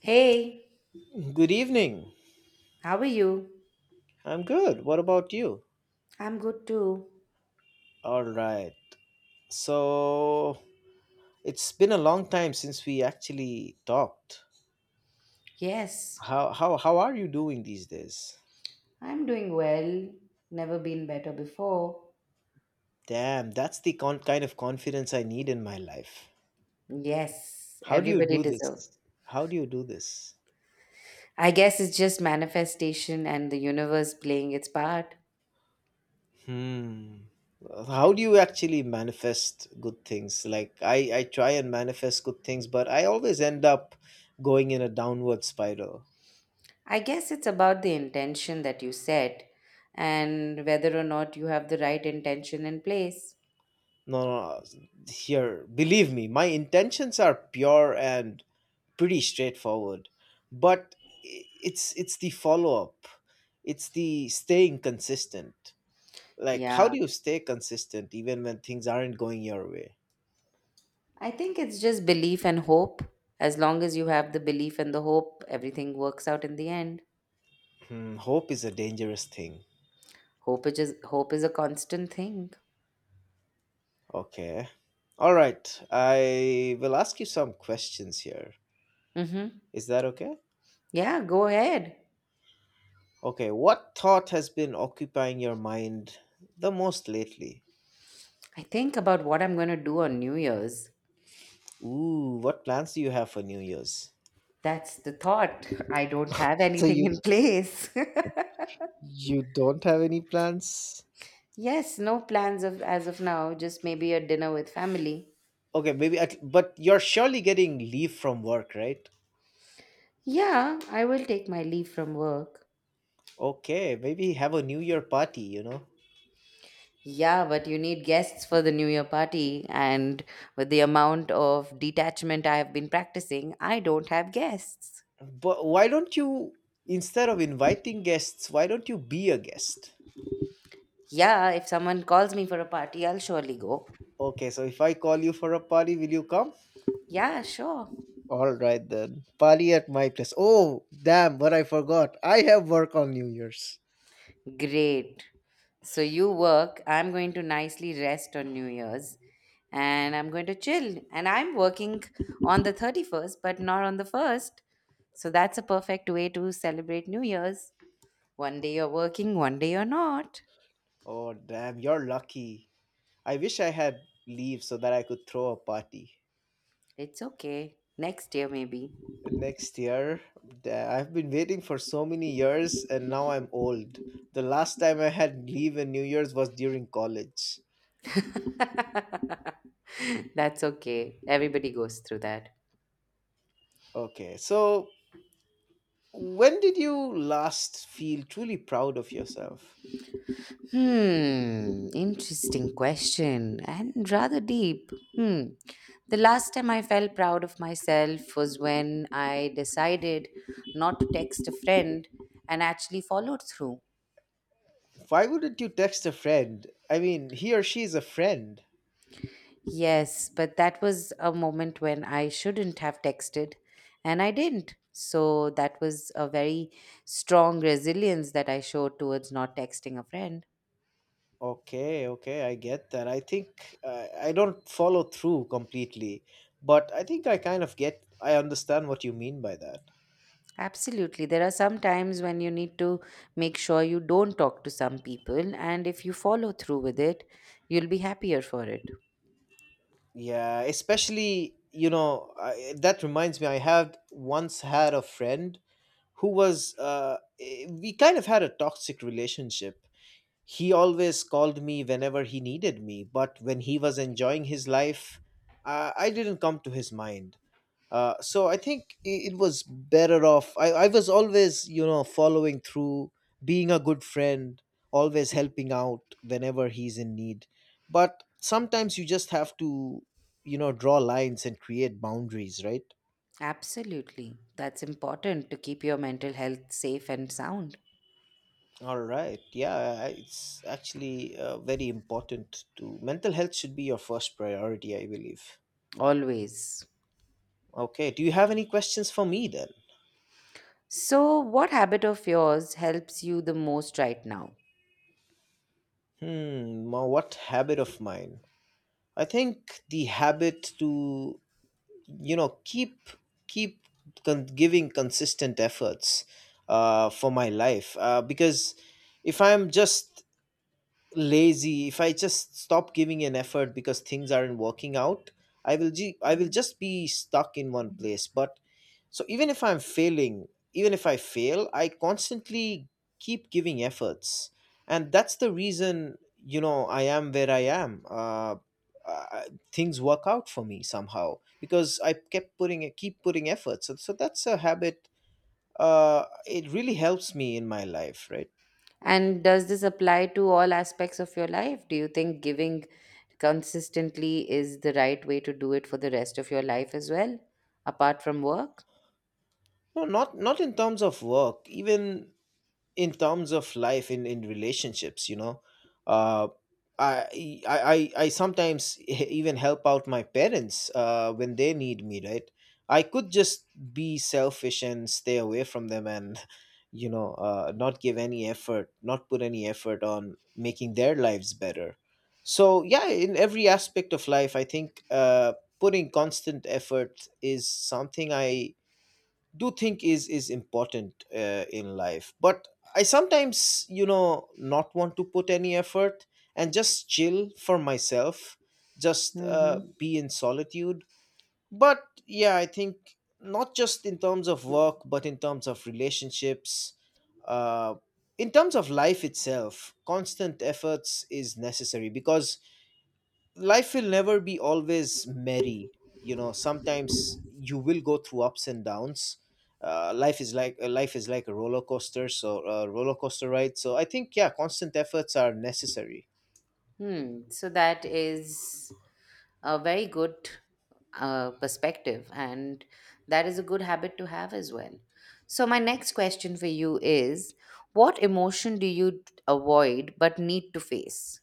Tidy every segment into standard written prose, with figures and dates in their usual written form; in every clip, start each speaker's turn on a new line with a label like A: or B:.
A: Hey,
B: Good evening.
A: how are you?
B: I'm good. What about you?
A: I'm good too.
B: All right. So it's been a long time since we actually talked.
A: Yes,
B: How are you doing these days?
A: I'm doing well. Never been better before.
B: Damn, that's the kind of confidence I need in my life.
A: Yes,
B: How do you
A: everybody
B: do
A: deserves.
B: this? How do you do this?
A: I guess it's just manifestation and the universe playing its part.
B: Hmm. How do you actually manifest good things? Like I try and manifest good things, but I always end up going in a downward spiral.
A: I guess it's about the intention that you set and whether or not you have the right intention in place.
B: No, no, no, here, believe me, my intentions are pure and pretty straightforward. But it's the follow-up. It's the staying consistent. Like, how
A: Yeah,
B: do you stay consistent even when things aren't going your way?
A: I think it's just belief and hope. As long as you have the belief and the hope, everything works out in the end.
B: Hmm, hope is a dangerous thing.
A: Hope is just, hope is a constant thing.
B: Okay. All right. I will ask you some questions here.
A: Mm-hmm.
B: Is that okay?
A: Yeah, go ahead.
B: Okay. What thought has been occupying your mind the most lately?
A: I think about what I'm going to do on New Year's.
B: Ooh, what plans do you have for New Year's?
A: That's the thought. I don't have
B: So
A: anything
B: you
A: in place.
B: you don't have any plans?
A: Yes, no plans of as of now, just maybe a dinner with family.
B: Okay, maybe at, but you're surely getting leave from work, right?
A: Yeah, I will take my leave from work.
B: Okay, maybe have a New Year party,
A: Yeah, but you need guests for the New Year party, and with the amount of detachment I have been practicing, I don't have guests.
B: But why don't you instead of inviting guests, why don't you be a guest?
A: Yeah, if someone calls me for a party, I'll surely go.
B: Okay, so if I call you for a party, will you come?
A: Yeah, sure.
B: All right then. Party at my place. Oh, damn, what I forgot. I have work on New Year's.
A: Great. So you work. I'm going to nicely rest on New Year's and I'm going to chill. And I'm working on the 31st, but not on the 1st. So that's a perfect way to celebrate New Year's. One day you're working, one day you're not.
B: Oh, damn, you're lucky. I wish I had leave so that I could throw a party.
A: It's okay. Next year, maybe.
B: Next year, I've been waiting for so many years and now I'm old. The last time I had leave in New Year's was during college.
A: That's okay. Everybody goes through that.
B: Okay, so when did you last feel truly proud of yourself?
A: Hmm, interesting question and rather deep. Hmm. The last time I felt proud of myself was when I decided not to text a friend and actually followed through.
B: Why wouldn't you text a friend? I mean, he or she is a friend.
A: Yes, but that was a moment when I shouldn't have texted and I didn't. So that was a very strong resilience that I showed towards not texting a friend.
B: Okay, okay, I get that. I think I don't follow through completely, but I think I kind of get, I understand what you mean by that.
A: Absolutely. There are some times when you need to make sure you don't talk to some people, and if you follow through with it, you'll be happier for it.
B: Yeah, especially, you know, I, that reminds me, I have once had a friend who was, we kind of had a toxic relationship. He always called me whenever he needed me, but when he was enjoying his life, I didn't come to his mind. So I think it was better off. I was always, you know, following through, being a good friend, always helping out whenever he's in need. But sometimes you just have to, you know, draw lines and create boundaries, right?
A: Absolutely. That's important to keep your mental health safe and sound.
B: All right. Yeah, it's actually very important to mental health should be your first priority, I believe.
A: Always.
B: Okay. Do you have any questions for me then?
A: So, what habit of yours helps you the most right now?
B: Hmm. What habit of mine? I think the habit to, you know, keep giving consistent efforts for my life because if I'm just lazy, if I just stop giving an effort because things aren't working out, I will just be stuck in one place. But so even if I'm failing, even if I fail, I constantly keep giving efforts, and that's the reason, you know, I am where I am. Uh, Things work out for me somehow because I kept putting keep putting efforts. So that's a habit. It really helps me in my life, right?
A: And does this apply to all aspects of your life? Do you think giving consistently is the right way to do it for the rest of your life as well, apart from work?
B: No, not not in terms of work. Even in terms of life, in relationships, you know. uh I, I I I sometimes even help out my parents when they need me, right? I could just be selfish and stay away from them, and you know, not give any effort, not put any effort on making their lives better. So yeah, in every aspect of life, I think putting constant effort is something I do think is important in life. But I sometimes, you know, not want to put any effort and just chill for myself, just
A: Hmm.
B: be in solitude. But yeah, I think not just in terms of work, but in terms of relationships, uh, in terms of life itself, constant efforts is necessary because life will never be always merry. You know, sometimes you will go through ups and downs. Life is like a roller coaster, a roller coaster ride. So I think, yeah, constant efforts are necessary.
A: Hmm. So that is a very good perspective, and that is a good habit to have as well. So, my next question for you is, what emotion do you avoid but need to face?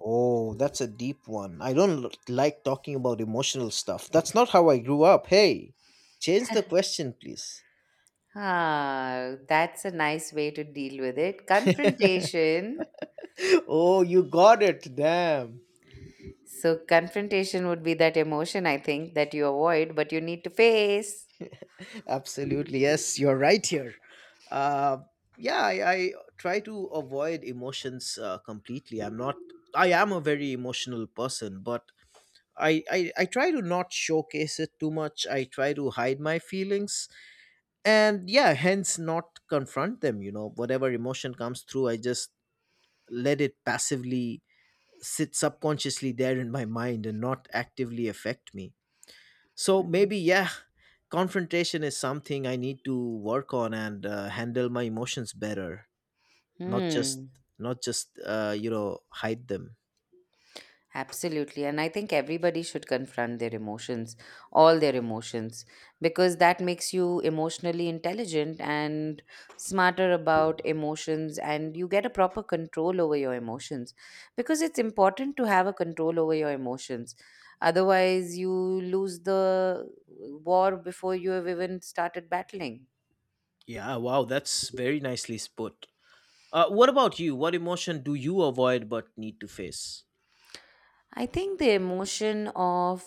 B: Oh, that's a deep one. I don't like talking about emotional stuff. That's not how I grew up. Hey, change the question please.
A: Ah, that's a nice way to deal with it. Confrontation.
B: Oh, you got it, damn.
A: So, confrontation would be that emotion, I think, that you avoid but you need to face.
B: Absolutely. Yes, you're right here. Uh, yeah, I try to avoid emotions completely. I'm not, I am a very emotional person, but I try to not showcase it too much. I try to hide my feelings and, yeah, hence not confront them. You know, whatever emotion comes through, I just let it passively sit subconsciously there in my mind and not actively affect me. So
A: Mhm.
B: maybe, yeah, confrontation is something I need to work on and handle my emotions better, not just
A: Hmm.
B: you know, hide them.
A: Absolutely. And I think everybody should confront their emotions, all their emotions, because that makes you emotionally intelligent and smarter about emotions, and you get a proper control over your emotions. Because it's important to have a control over your emotions. Otherwise, you lose the war before you have even started battling.
B: Yeah, wow, that's very nicely put. What about you? What emotion do you avoid but need to face?
A: I think the emotion of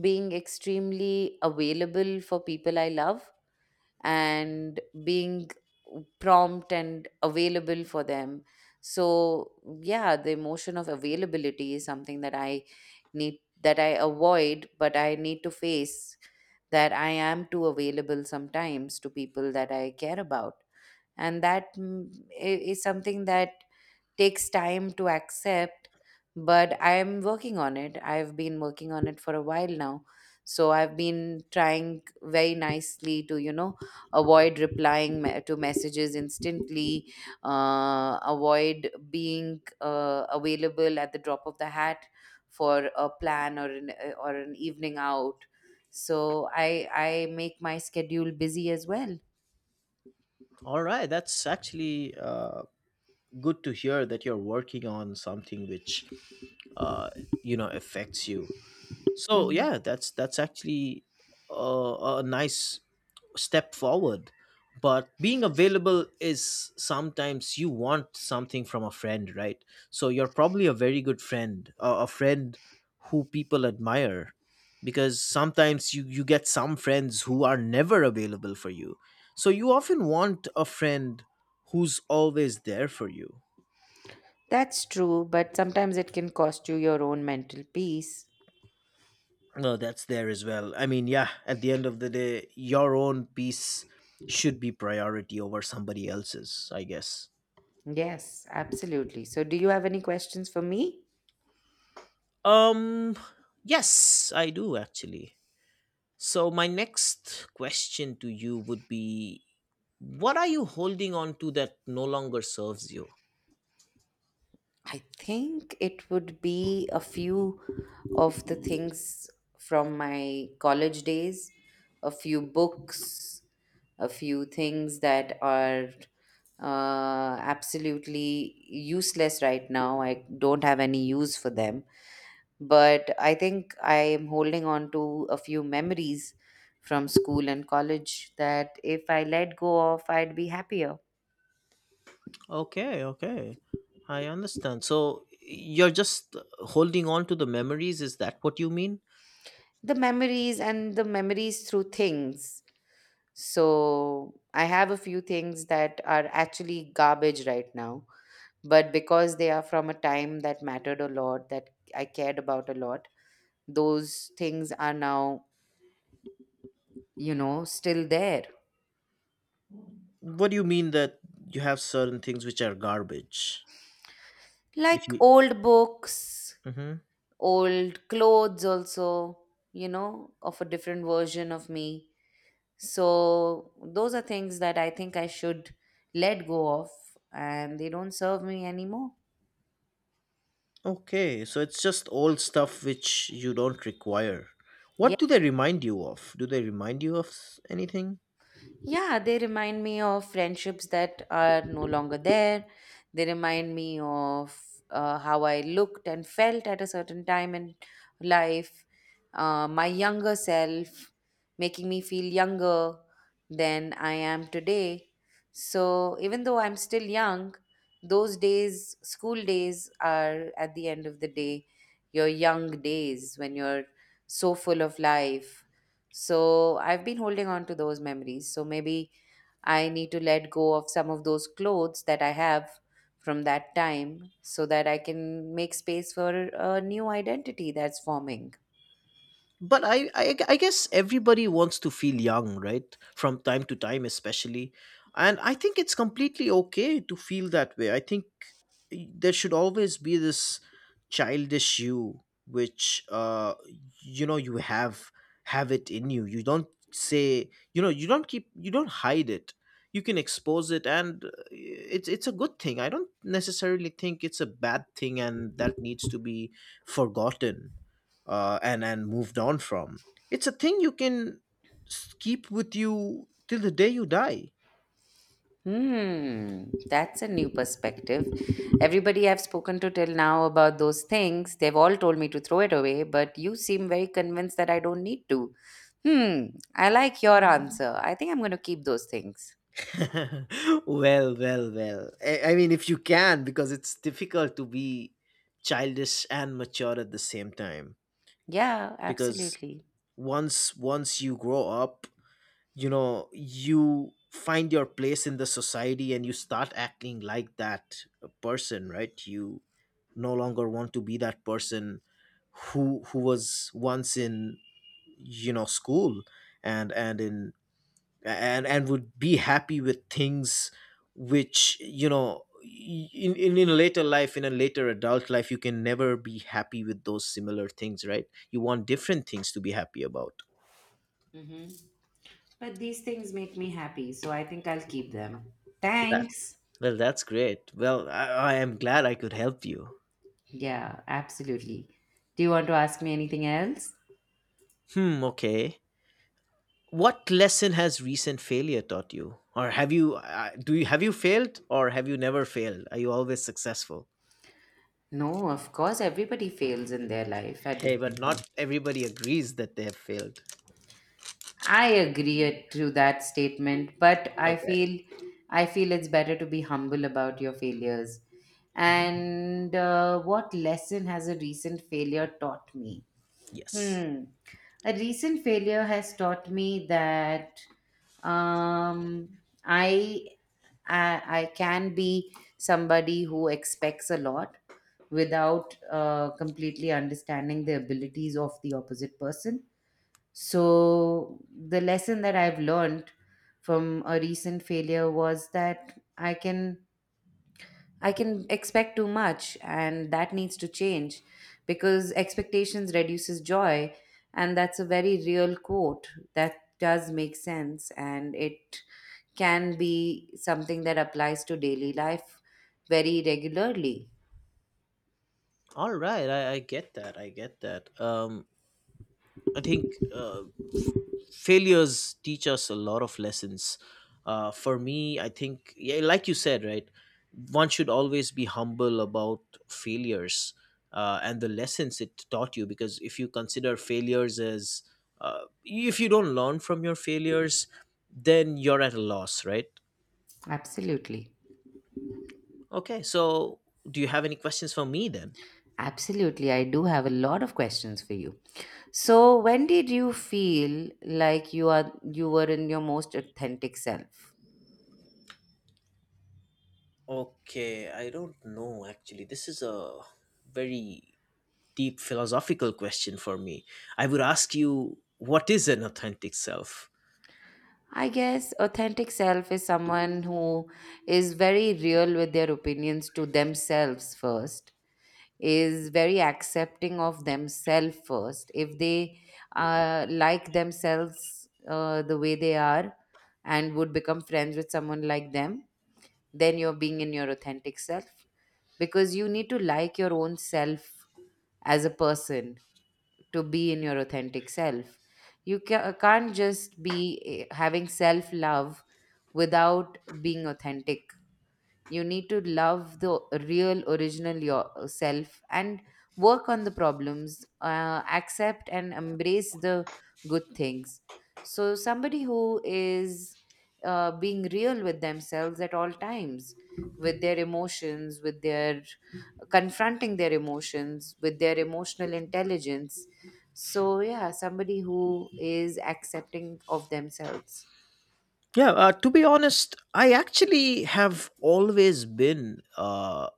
A: being extremely available for people I love and being prompt and available for them. So, yeah, the emotion of availability is something that I need, that I avoid, but I need to face that I am too available sometimes to people that I care about. And that i- is something that takes time to accept, but I'm working on it. I've been working on it for a while now. So I've been trying very nicely to, you know, avoid replying to messages instantly, avoid being available at the drop of the hat for a plan or an evening out. So I make my schedule busy as well.
B: All right, that's actually good to hear that you're working on something which uh, you know affects you. So
A: Mhm.
B: yeah, that's actually a nice step forward. But being available is sometimes you want something from a friend, right? So you're probably a very good friend, a friend who people admire, because sometimes you get some friends who are never available for you, so you often want a friend who's always there for you.
A: That's true, but sometimes it can cost you your own mental peace.
B: No, that's there as well. I mean, yeah, at the end of the day, your own peace should be priority over somebody else's, I guess.
A: Yes, absolutely. So, do you have any questions for me?
B: Um, yes, I do actually. So, my next question to you would be, what are you holding on to that no longer serves you?
A: I think it would be a few of the things from my college days, a few books, a few things that are absolutely useless right now. I don't have any use for them. But I think I am holding on to a few memories from school and college that if I let go of, I'd be happier.
B: Okay, okay. I understand. So, you're just holding on to the memories, is that what you mean?
A: The memories and the memories through things. So I have a few things that are actually garbage right now, but because they are from a time that mattered a lot, that I cared about a lot, those things are now, you know, still there.
B: What do you mean that you have certain things which are garbage? If
A: Like
B: you
A: old books,
B: hmm.
A: old clothes, also, you know, of a different version of me. So those are things that I think I should let go of, and they don't serve me anymore.
B: Okay, so it's just old stuff which you don't require.
A: Yeah,
B: What do they remind you of? Do they remind you of anything?
A: yeah, they remind me of friendships that are no longer there. They remind me of how I looked and felt at a certain time in life, my younger self, making me feel younger than I am today. So, even though I'm still young, those days, school days, are at the end of the day your young days when you're so full of life. So I've been holding on to those memories. So maybe I need to let go of some of those clothes that I have from that time so that I can make space for a new identity that's forming.
B: But I guess everybody wants to feel young right from time to time, especially. And I think it's completely okay to feel that way. I think there should always be this childish you, which you know you have it in you. You don't say, you know, you don't keep, you don't hide it. You can expose it, and it's a good thing. I don't necessarily think it's a bad thing and that needs to be forgotten and moved on from. It's a thing you can keep with you till the day you die.
A: Hmm, that's a new perspective. Everybody I've spoken to till now about those things, they've all told me to throw it away, but you seem very convinced that I don't need to. Hmm, I like your answer. I think I'm going to keep those things.
B: Well, well, well. I mean, if you can, because it's difficult to be childish and mature at the same time.
A: Yeah,
B: Because
A: absolutely.
B: once you grow up, you know, you find your place in the society and you start acting like that person, right? You no longer want to be that person who was once in, you know, school, and in, and would be happy with things which, you know, in a later life, in a later adult life, you can never be happy with those similar things, right? You want different things to be happy about.
A: Hmm. But these things make me happy, so I think I'll keep them. Thanks.
B: Well, that's great. Well, I am glad I could help you.
A: Yeah, absolutely. Do you want to ask me anything else?
B: Hmm. Okay. What lesson has recent failure taught you, or have you do you have you failed, or have you never failed? Are you always successful?
A: No, of course, everybody fails in their life at
B: Hey, but
A: different
B: not
A: points.
B: everybody agrees that they have failed.
A: I agree to that statement, but
B: Okay.
A: I feel it's better to be humble about your failures.
B: Mhm.
A: And what lesson has a recent failure taught me?
B: Yes.
A: Hmm. A recent failure has taught me that um, I, I can be somebody who expects a lot without completely understanding the abilities of the opposite person. So the lesson that I've learned from a recent failure was that I can expect too much, and that needs to change because expectations reduces joy, and that's a very real quote that does make sense, and it can be something that applies to daily life very regularly.
B: All right. I get that. I get that. I think uh, failures teach us a lot of lessons. For me, I think, yeah, like you said, right, one should always be humble about failures and the lessons it taught you. Because if you consider failures as if you don't learn from your failures, then you're at a loss, right?
A: Absolutely.
B: Okay, so do you have any questions for me then?
A: Absolutely. I do have a lot of questions for you. So, when did you feel like you were in your most authentic self?
B: Okay, I don't know actually. This is a very deep philosophical question for me. I would ask you, what is an authentic self?
A: I guess authentic self is someone who is very real with their opinions to themselves first, is very accepting of themselves first. If they like themselves the way they are and would become friends with someone like them, then you're being in your authentic self because you need to like your own self as a person to be in your authentic self. You can't just be having self love without being authentic. You need to love the real, original yourself and work on the problems, accept and embrace the good things. So, somebody who is being real with themselves at all times, with their emotions, with their confronting their emotions with their emotional intelligence. So, yeah, somebody who is accepting of themselves.
B: Yeah, to be honest, I actually have always been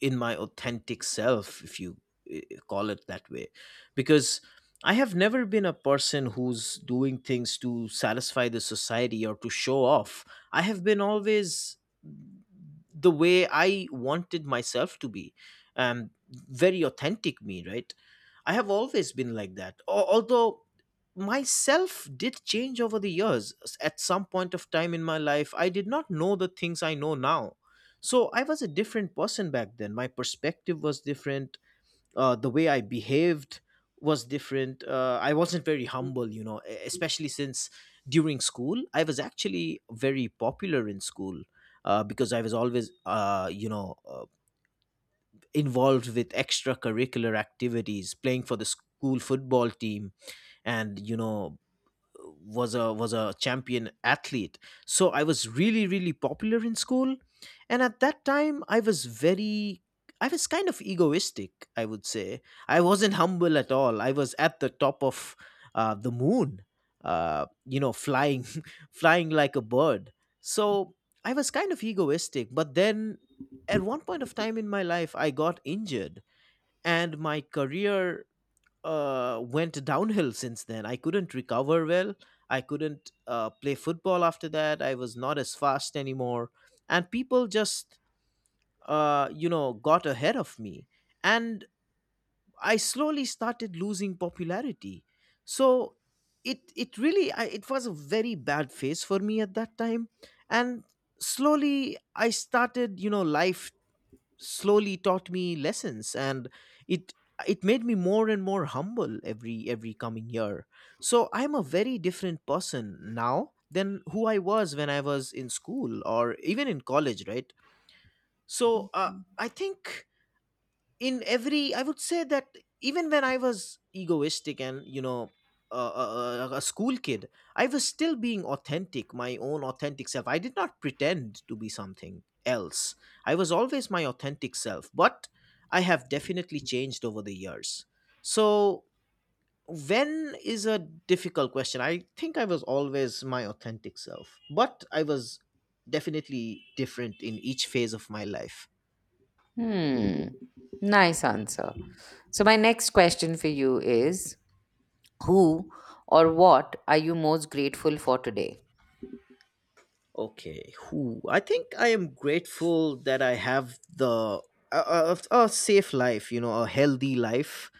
B: in my authentic self, if you uh, call it that way, because I have never been a person who's doing things to satisfy the society or to show off. I have been always the way I wanted myself to be, very authentic me, right? I have always been like that. Although myself did change over the years. At some point of time in my life, I did not know the things I know now. So I was a different person back then. My perspective was different, the way I behaved was different. I wasn't very humble, you know, especially since during school, I was actually very popular in school, because I was always, involved with extracurricular activities, playing for the school football team and, you know, was a champion athlete. So I was really popular in school, and at that time I was very, I was kind of egoistic, I would say. I wasn't humble at all. I was at the top of the moon, you know, flying flying like a bird. So I was kind of egoistic, but then at one point of time in my life, I got injured and my career went downhill since then. I couldn't recover well. I couldn't play football after that. I was not as fast anymore. And people just, you know, got ahead of me. And I slowly started losing popularity. So it really, it was a very bad phase for me at that time. And slowly I started, you know, life slowly taught me lessons, and it it made me more and more humble every coming year. So I'm a very different person now than who I was when I was in school or even in college, right? So I think in every, I would say that even when I was egoistic and, you know, a school kid, I was still being authentic, my own authentic self. I did not pretend to be something else. I was always my authentic self, but I have definitely changed over the years. So when is a difficult question. I think I was always my authentic self, but I was definitely different in each phase of my life.
A: Hmm. Nice answer. So, my next question for you is, who or what are you most grateful for today?
B: Okay, who? I think I am grateful that I have the, a safe life, you know, a healthy life.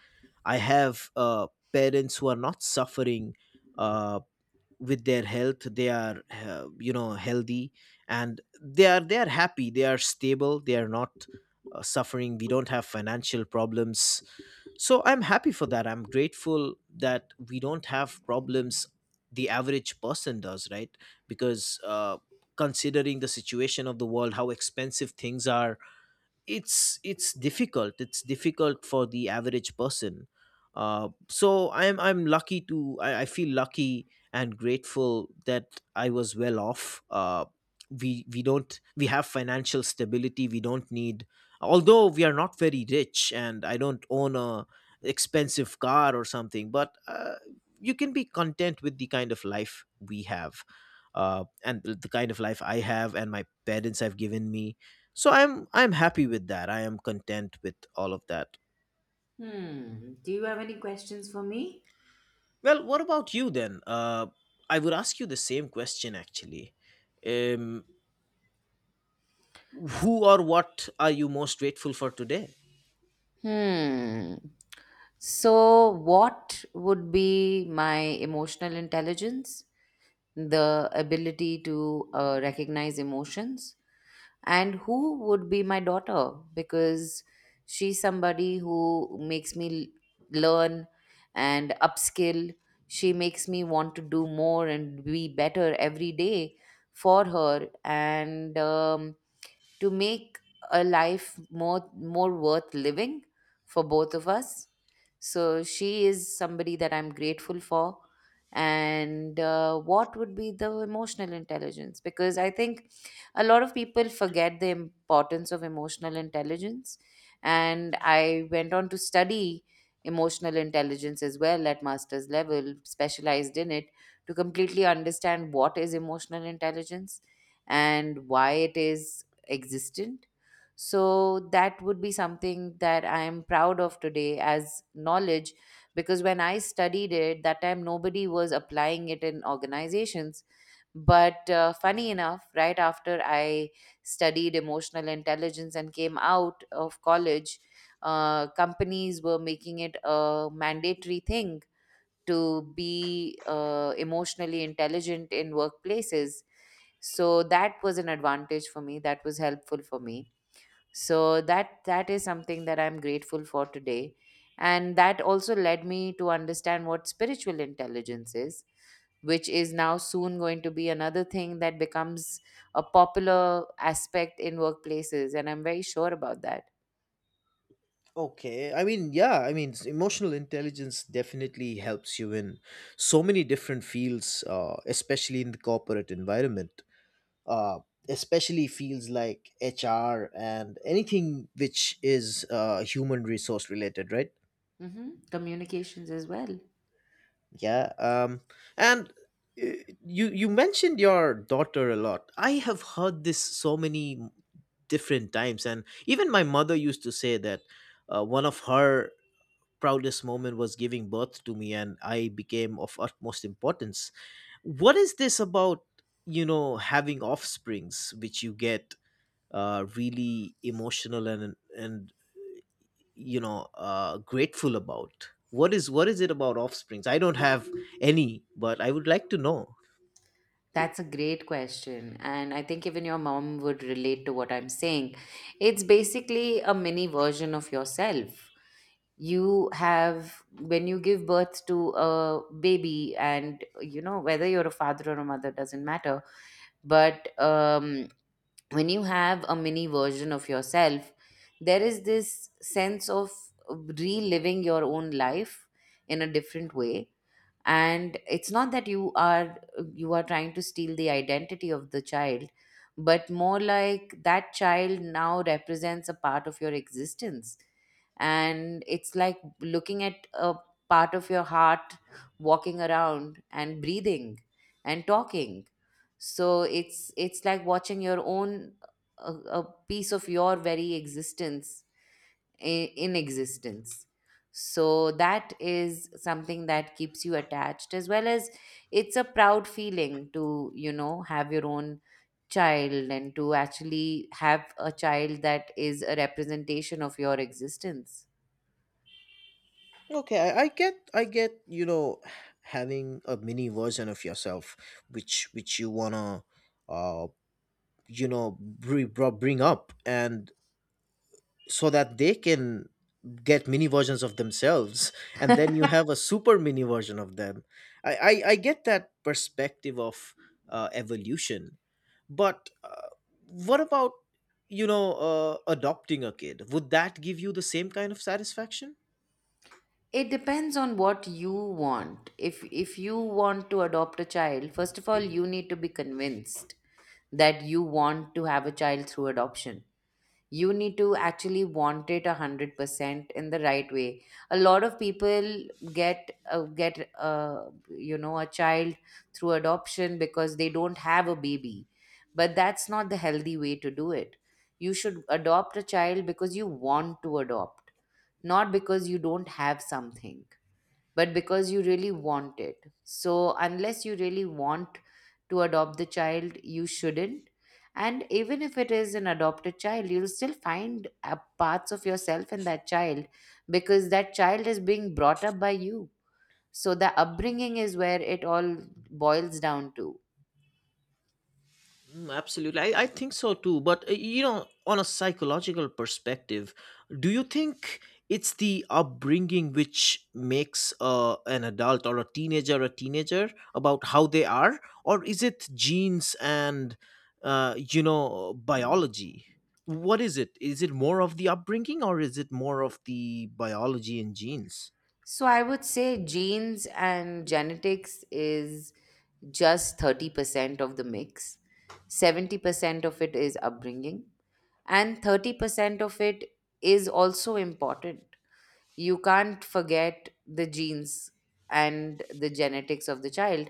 B: I have parents who are not suffering uh, with their health. They are, you know, healthy, and they are happy. They are stable. They are not suffering. We don't have financial problems. So I'm happy for that. I'm grateful that we don't have problems the average person does, right? Because considering the situation of the world, how expensive things are, it's difficult for the average person. So I'm lucky to, I feel lucky and grateful that I was well off. We don't we have financial stability. We don't need, although we are not very rich and I don't own a expensive car or something, but you can be content with the kind of life we have, and the kind of life I have and my parents have given me. So I'm happy with that. I am content with all of that.
A: Hmm. Do you have any questions for me?
B: Well, what about you then? I would ask you the same question actually. um who or what are you most grateful for today?
A: Hmm. So, what would be my emotional intelligence? The ability to recognize emotions, and who would be my daughter because she's somebody who makes me learn and upskill. She makes me want to do more and be better every day for her. And to make a life more worth living for both of us. So she is somebody that I'm grateful for. And what would be the emotional intelligence? Because I think a lot of people forget the importance of emotional intelligence. And I went on to study emotional intelligence as well at master's level, specialized in it to completely understand what is emotional intelligence and why it is existent. So that would be something that I am proud of today as knowledge because when I studied it, that time nobody was applying it in organizations. But funny enough, right after I studied emotional intelligence and came out of college, companies were making it a mandatory thing to be emotionally intelligent in workplaces. So that was an advantage for me, that was helpful for me, so that is something that I'm grateful for today. And that also led me to understand what spiritual intelligence is, which is now soon going to be another thing that becomes a popular aspect in workplaces, and I'm very sure about that.
B: Okay, I mean, yeah, I mean, emotional intelligence definitely helps you in so many different fields, especially in the corporate environment, uh, especially fields like HR and anything which is, human resource related, right?
A: Hmm, communications as well.
B: Yeah. And uh, you you mentioned your daughter a lot. I have heard this so many different times, and even my mother used to say that one of her proudest moment was giving birth to me, and I became of utmost importance. What is this about? You know, having offsprings, which you get really emotional and, grateful about. What is, what is it about offsprings? I don't have any, but I would like to know.
A: That's a great question, and I think even your mom would relate to what I'm saying. It's basically a mini version of yourself you have when you give birth to a baby. And you know, whether you're a father or a mother doesn't matter, but when you have a mini version of yourself, there is this sense of reliving your own life in a different way. And it's not that you are trying to steal the identity of the child, but more like that child now represents a part of your existence. And it's like looking at a part of your heart walking around and breathing and talking. So it's like watching your own, a piece of your very existence in existence. So that is something that keeps you attached, as well as it's a proud feeling to, you know, have your own child and to actually have a child that is a representation of your existence.
B: Okay, I get. You know, having a mini version of yourself, which you wanna, uh, you know, bring up, and so that they can get mini versions of themselves, and then you have a super mini version of them. I get that perspective of evolution, but what about, you know, adopting a kid? Would that give you the same kind of satisfaction?
A: It depends on what you want. If you want to adopt a child, first of all you need to be convinced that you want to have a child through adoption. You need to actually want it 100% in the right way. A lot of people get you know, a child through adoption because they don't have a baby, but that's not the healthy way to do it. You should adopt a child because you want to adopt, not because you don't have something, but because you really want it. So, unless you really want to adopt the child, you shouldn't. And even if it is an adopted child, you'll still find parts of yourself in that child because that child is being brought up by you. So, the upbringing is where it all boils down to.
B: Mm, absolutely. I think so too. But, you know, on a psychological perspective, do you think it's the upbringing which makes an adult or a teenager about how they are? Or is it genes and, you know, biology? What is it? Is it more of the upbringing or is it more of the biology and genes?
A: So, I would say genes and genetics is just 30% of the mix, 70% of it is upbringing, and 30% of it is also important. You can't forget the genes and the genetics of the child,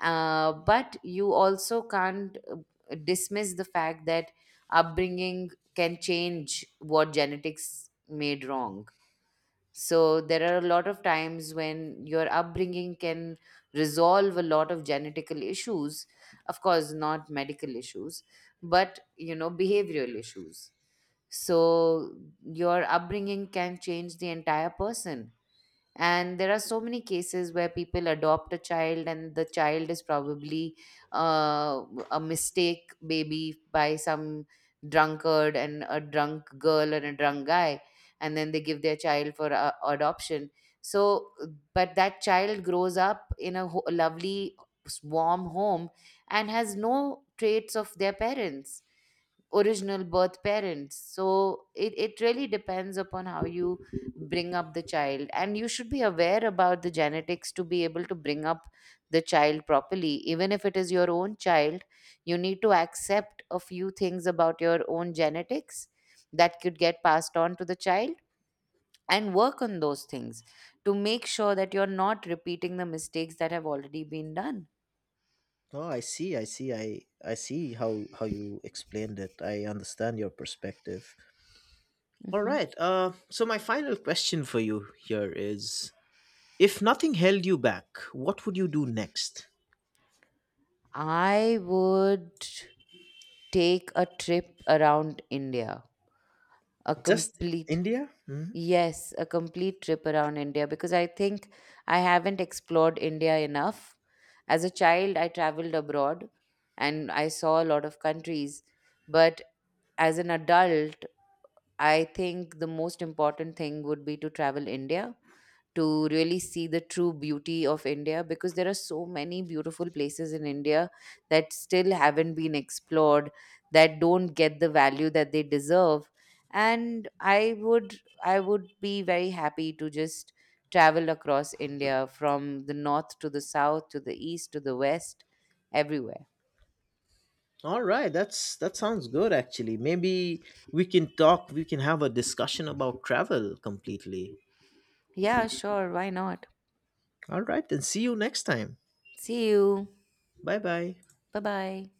A: but you also can't dismiss the fact that upbringing can change what genetics made wrong. So there are a lot of times when your upbringing can resolve a lot of genetical issues, of course not medical issues, but you know, behavioral issues. So your upbringing can change the entire person. And there are so many cases where people adopt a child and the child is probably uh, a mistake baby by some drunkard and a drunk girl and a drunk guy, and then they give their child for adoption. So, but that child grows up in a lovely warm home and has no traits of their parents, original birth parents. So it really depends upon how you bring up the child. And you should be aware about the genetics to be able to bring up the child properly. Even if it is your own child, you need to accept a few things about your own genetics that could get passed on to the child, and work on those things to make sure that you're not repeating the mistakes that have already been done.
B: Oh, I see. I see. I see how you explained it. I understand your perspective. All
A: Hmm.
B: right. So my final question for you here is: if nothing held you back, what would you do next?
A: I would take a trip around India, a
B: Just
A: complete—
B: India? Mhm.
A: Yes, a complete trip around India, because I think I haven't explored India enough. As a child I traveled abroad and I saw a lot of countries, but as an adult, I think the most important thing would be to travel India, to really see the true beauty of India, because there are so many beautiful places in India that still haven't been explored, that don't get the value that they deserve. And I would, I would be very happy to just travel across India from the north to the south to the east to the west, everywhere.
B: All right. That sounds good. Actually, maybe we can talk. We can have a discussion about travel completely.
A: Yeah, sure, why not?
B: All right. Then see you next time.
A: See you.
B: Bye bye.
A: Bye bye.